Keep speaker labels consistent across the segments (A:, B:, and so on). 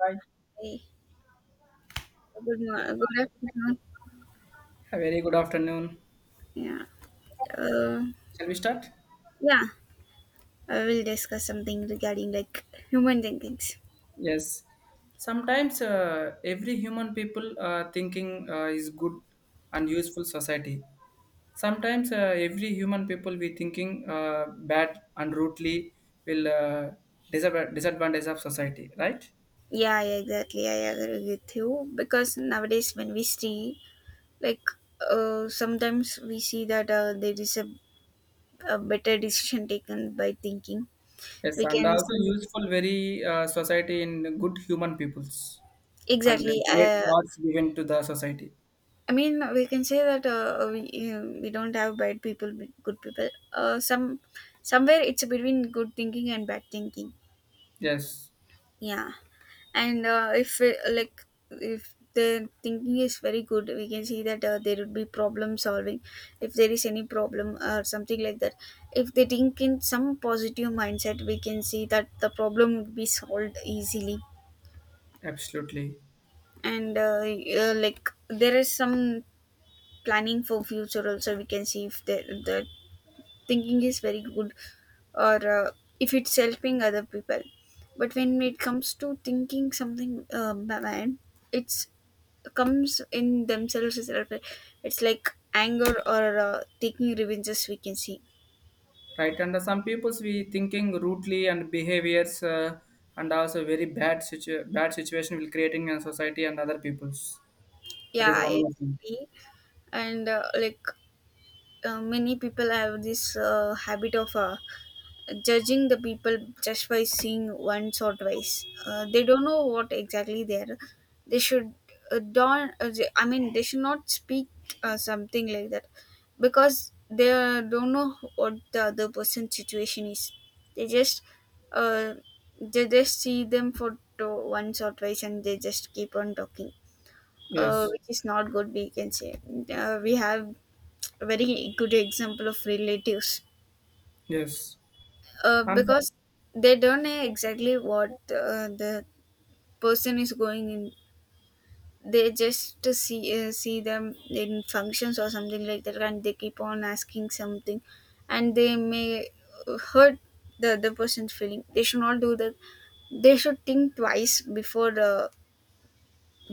A: Hi.
B: Hey, good morning. Good afternoon.
A: A very good afternoon.
B: Yeah. Uh,
A: Shall we start?
B: yeah. I will discuss something regarding like human thinkings.
A: Yes. Sometimes every human people thinking is good and useful society. Sometimes every human people we thinking bad and rudely will disadvantage of society, right?
B: Yeah, yeah, exactly. I agree with you because nowadays when we see like sometimes we see that there is a better decision taken by thinking.
A: Yes,
B: We
A: and
B: can
A: also
B: see
A: useful very society in good human peoples and
B: exactly.
A: great thoughts given to the society.
B: I mean, we can say that we don't have bad people, good people. Somewhere it's between good thinking and bad thinking.
A: Yes,
B: Yeah, and if it, like if their thinking is very good, we can see that there would be problem solving. If there is any problem or something like that, if they think in some positive mindset, we can see that the problem would be solved easily.
A: absolutely.
B: And like there is some planning for future also. We can see if there the thinking is very good or if it's helping other people, but when it comes to thinking something bad, it's comes in themselves itself. It's like anger or taking revenges, we can see.
A: Right and some people's we thinking rudely and behaviors and also very bad bad situation will creating in society and other people's, that is
B: Yeah,
A: one more thing.
B: exactly. And like many people have this habit of judging the people just by seeing once or twice. They don't know what exactly they are. They should don't. They- I mean, they should not speak something like that because they don't know what the other person's situation is. They just uh, they just see them for to once or twice, and they just keep on talking.
A: Yes,
B: Which is not good. We can say we have a very good example of relatives,
A: yes, and
B: because they don't know exactly what the person is going in. They just to see see them in functions or something like that, and they keep on asking something, and they may hurt the other person's feeling. They should not do that. They should think twice before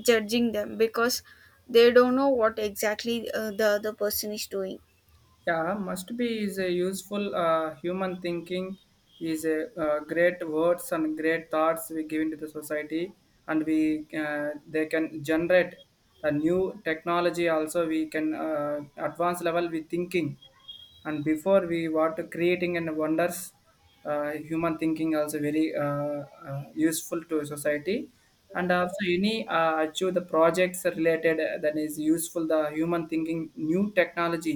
B: judging them, because they don't know what exactly the other person is doing.
A: yeah, must be is a useful human thinking is a great words and great thoughts we give into the society. And we they can generate the new technology also. We can advanced level we thinking and before we what creating and wonders, human thinking also very useful to society. And also any achieve the projects related that is useful the human thinking new technology.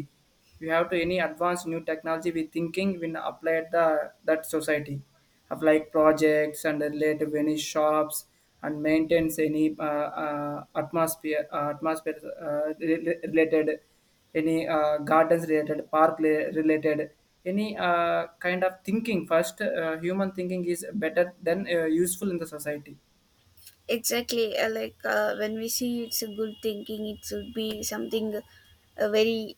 A: We have to any advanced new technology we thinking when applied the that society of like projects and related any shops and maintains any atmosphere atmosphere related any gardens related park related any kind of thinking first human thinking is better than useful in the society.
B: Exactly. Like when we see it's a good thinking, it should be something very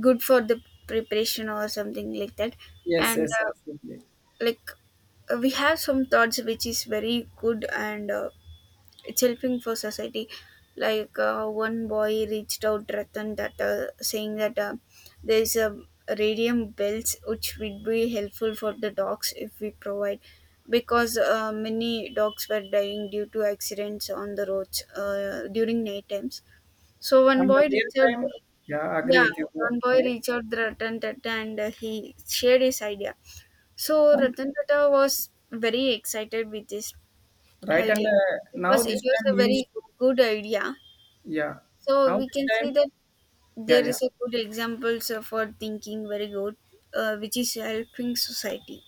B: good for the preparation or something like that.
A: Yes,
B: And
A: yes, absolutely.
B: like we have some thoughts which is very good, and it's helping for society. Like one boy reached out Ratan that saying that there is a radium belts which would be helpful for the dogs if we provide, because many dogs were dying due to accidents on the roads during night times, so one
A: And the
B: boy
A: real
B: reached out.
A: time, yeah, I agree
B: Yeah,
A: with you.
B: one boy
A: Right.
B: reached out the Ratan Tata, and he shared his idea. So
A: Um,
B: Ratan Tata was very excited with this
A: right and
B: idea
A: now
B: because it
A: this
B: was
A: time
B: a very
A: useful.
B: good idea.
A: Yeah,
B: So
A: now
B: we
A: this
B: can see
A: time.
B: that
A: Yeah,
B: there
A: yeah.
B: is a good examples of for thinking very good, which is helping society.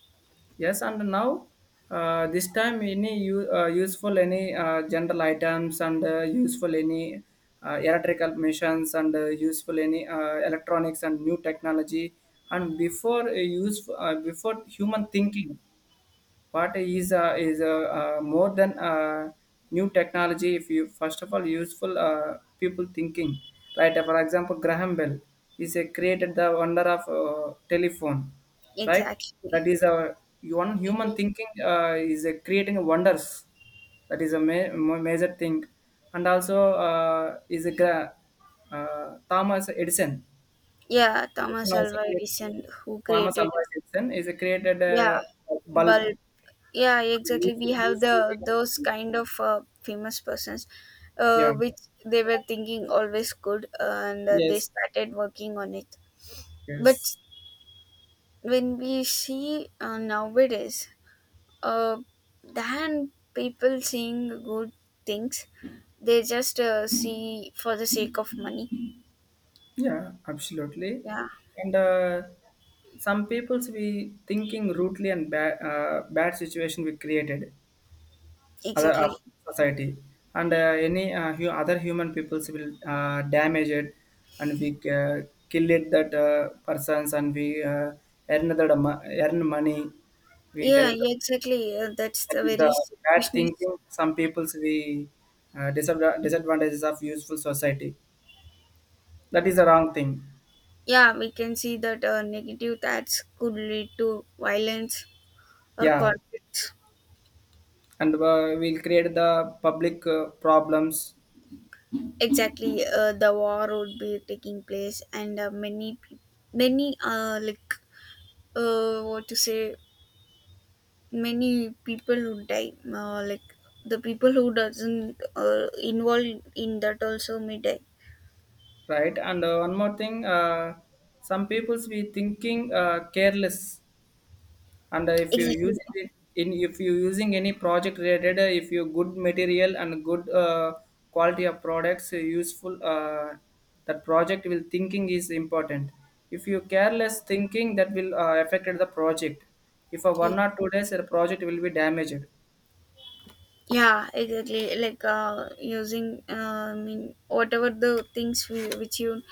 A: Yes, and now this time any useful any general items and useful any electrical machines and useful any electronics and new technology. And before use before human thinking what is more than new technology if you first of all useful people thinking, right. For example, Graham Bell is a created the wonder of telephone, right.
B: Exactly.
A: That is a one human
B: He-
A: thinking is a creating wonders. That is a major thing. And also uh, is a uh, Thomas Edison.
B: Yeah,
A: Edison
B: Thomas
A: also
B: Alva
A: created.
B: Edison who
A: Thomas Alva
B: created,
A: Edison is a created
B: yeah,
A: a bulb.
B: bulb. Yeah, exactly. We
A: Useful,
B: have
A: useful
B: the those
A: content.
B: kind of famous persons,
A: Yeah.
B: which they were thinking always good, and they
A: Yes.
B: started working on it. But
A: Yes.
B: when we see nowadays uh, than people seeing good things. They just see for the sake of money.
A: Yeah. Absolutely.
B: Yeah,
A: And some people's we thinking rudely and bad situation we created other of
B: exactly.
A: society. And any other human peoples will damage it. And we uh, kill it that persons and we earn that earn money, we can.
B: Yeah, yeah, exactly. That's
A: And
B: the
A: with
B: very
A: the bad
B: selfishness.
A: thinking, some people's we disadvantages of useful society. That is the wrong thing.
B: Yeah, we can see that negative ads could lead to violence or
A: Yeah,
B: conflicts.
A: and we'll create the public problems,
B: Exactly, the war would be taking place, and many, peop- many, like, what to say, many people who die like the people who doesn't involved in that also may die.
A: right? And one more thing, some people's we thinking careless and if you
B: Exactly.
A: use it in if you using any project related if you good material and good quality of products useful that project will thinking is important. If you careless thinking that will affected the project, if a
B: Y-
A: one or two days your project will be damaged.
B: yeah, exactly. Like using I mean whatever the things we, which you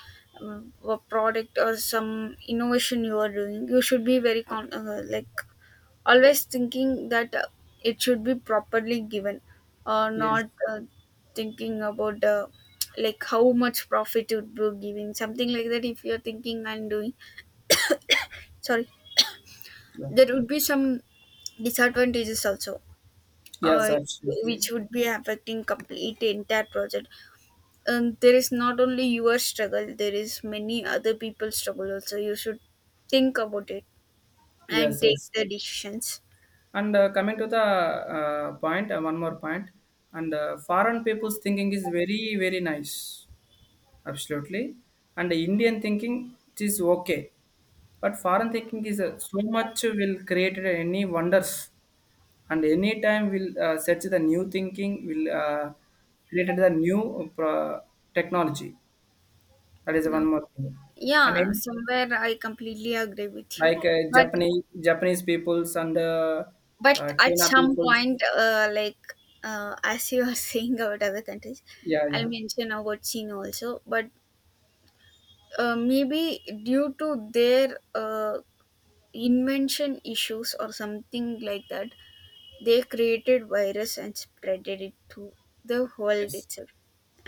B: uh, a product or some innovation you are doing, you should be very like always thinking that it should be properly given or
A: Yes,
B: not, thinking about like how much profit it would be giving something like that. If you're thinking and doing, sorry,
A: yeah.
B: there would be some disadvantages also,
A: Yes,
B: uh,
A: absolutely.
B: which would be affecting complete entire project. And there is not only your struggle, there is many other people's struggle also, you should think about it and
A: Yes,
B: take
A: yes,
B: the decisions.
A: and coming to the point, one more point. And foreign people's thinking is very, very nice. Absolutely. And the Indian thinking it is okay. But foreign thinking is so much will create any wonders. And any time we'll search the new thinking, will create the new technology. That is
B: Okay.
A: one more thing. And
B: Yeah,
A: then,
B: somewhere I completely agree with
A: like
B: you. But
A: Japanese peoples and
B: but at
A: China
B: some
A: peoples.
B: point, like as you are saying about other countries,
A: Yeah,
B: I'll
A: yeah.
B: mention about China also. But maybe due to their invention issues or something like that, they created virus and spreaded it to the world
A: Yes,
B: itself.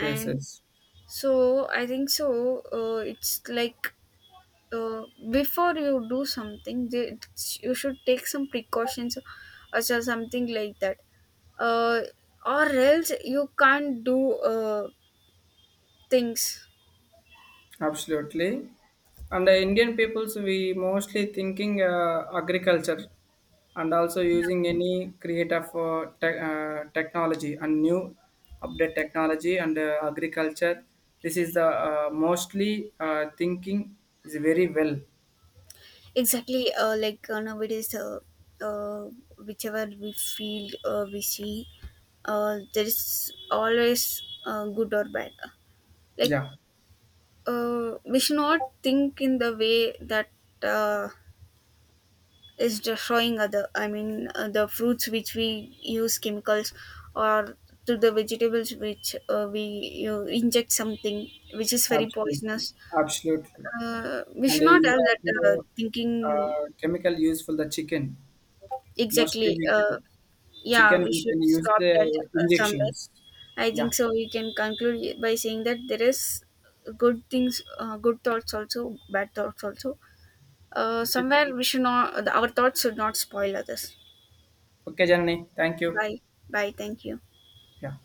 A: yes, yes.
B: so I think so. It's like uh, before you do something you should take some precautions or something like that, uh, or else you can't do uh, things.
A: Absolutely. And the Indian peoples, we mostly thinking agriculture and also using
B: Yeah.
A: any creative technology and new update technology and agriculture. This is the mostly thinking is very well.
B: Exactly. Like nowadays uh, whichever we feel, we see there is always good or bad. Like
A: Yeah,
B: we should not think in the way that uh, is destroying other, I mean the fruits which we use chemicals or to the vegetables which we you inject something which is very
A: absolutely.
B: poisonous.
A: Absolutely.
B: We
A: And
B: should not
A: you
B: have
A: got
B: that
A: you know,
B: thinking.
A: chemical use for the chicken. Mostly
B: Exactly.
A: we can,
B: Yeah,
A: chicken
B: we
A: we
B: should
A: can use
B: stop that
A: the
B: somewhere.
A: injections.
B: I
A: Yeah.
B: think so we can conclude by saying that there is good things, good thoughts also, bad thoughts also.
A: Okay.
B: Somewhere we should not, our thoughts should not spoil others.
A: Okay, Janani, thank you.
B: Bye. Bye, thank you.
A: Yeah.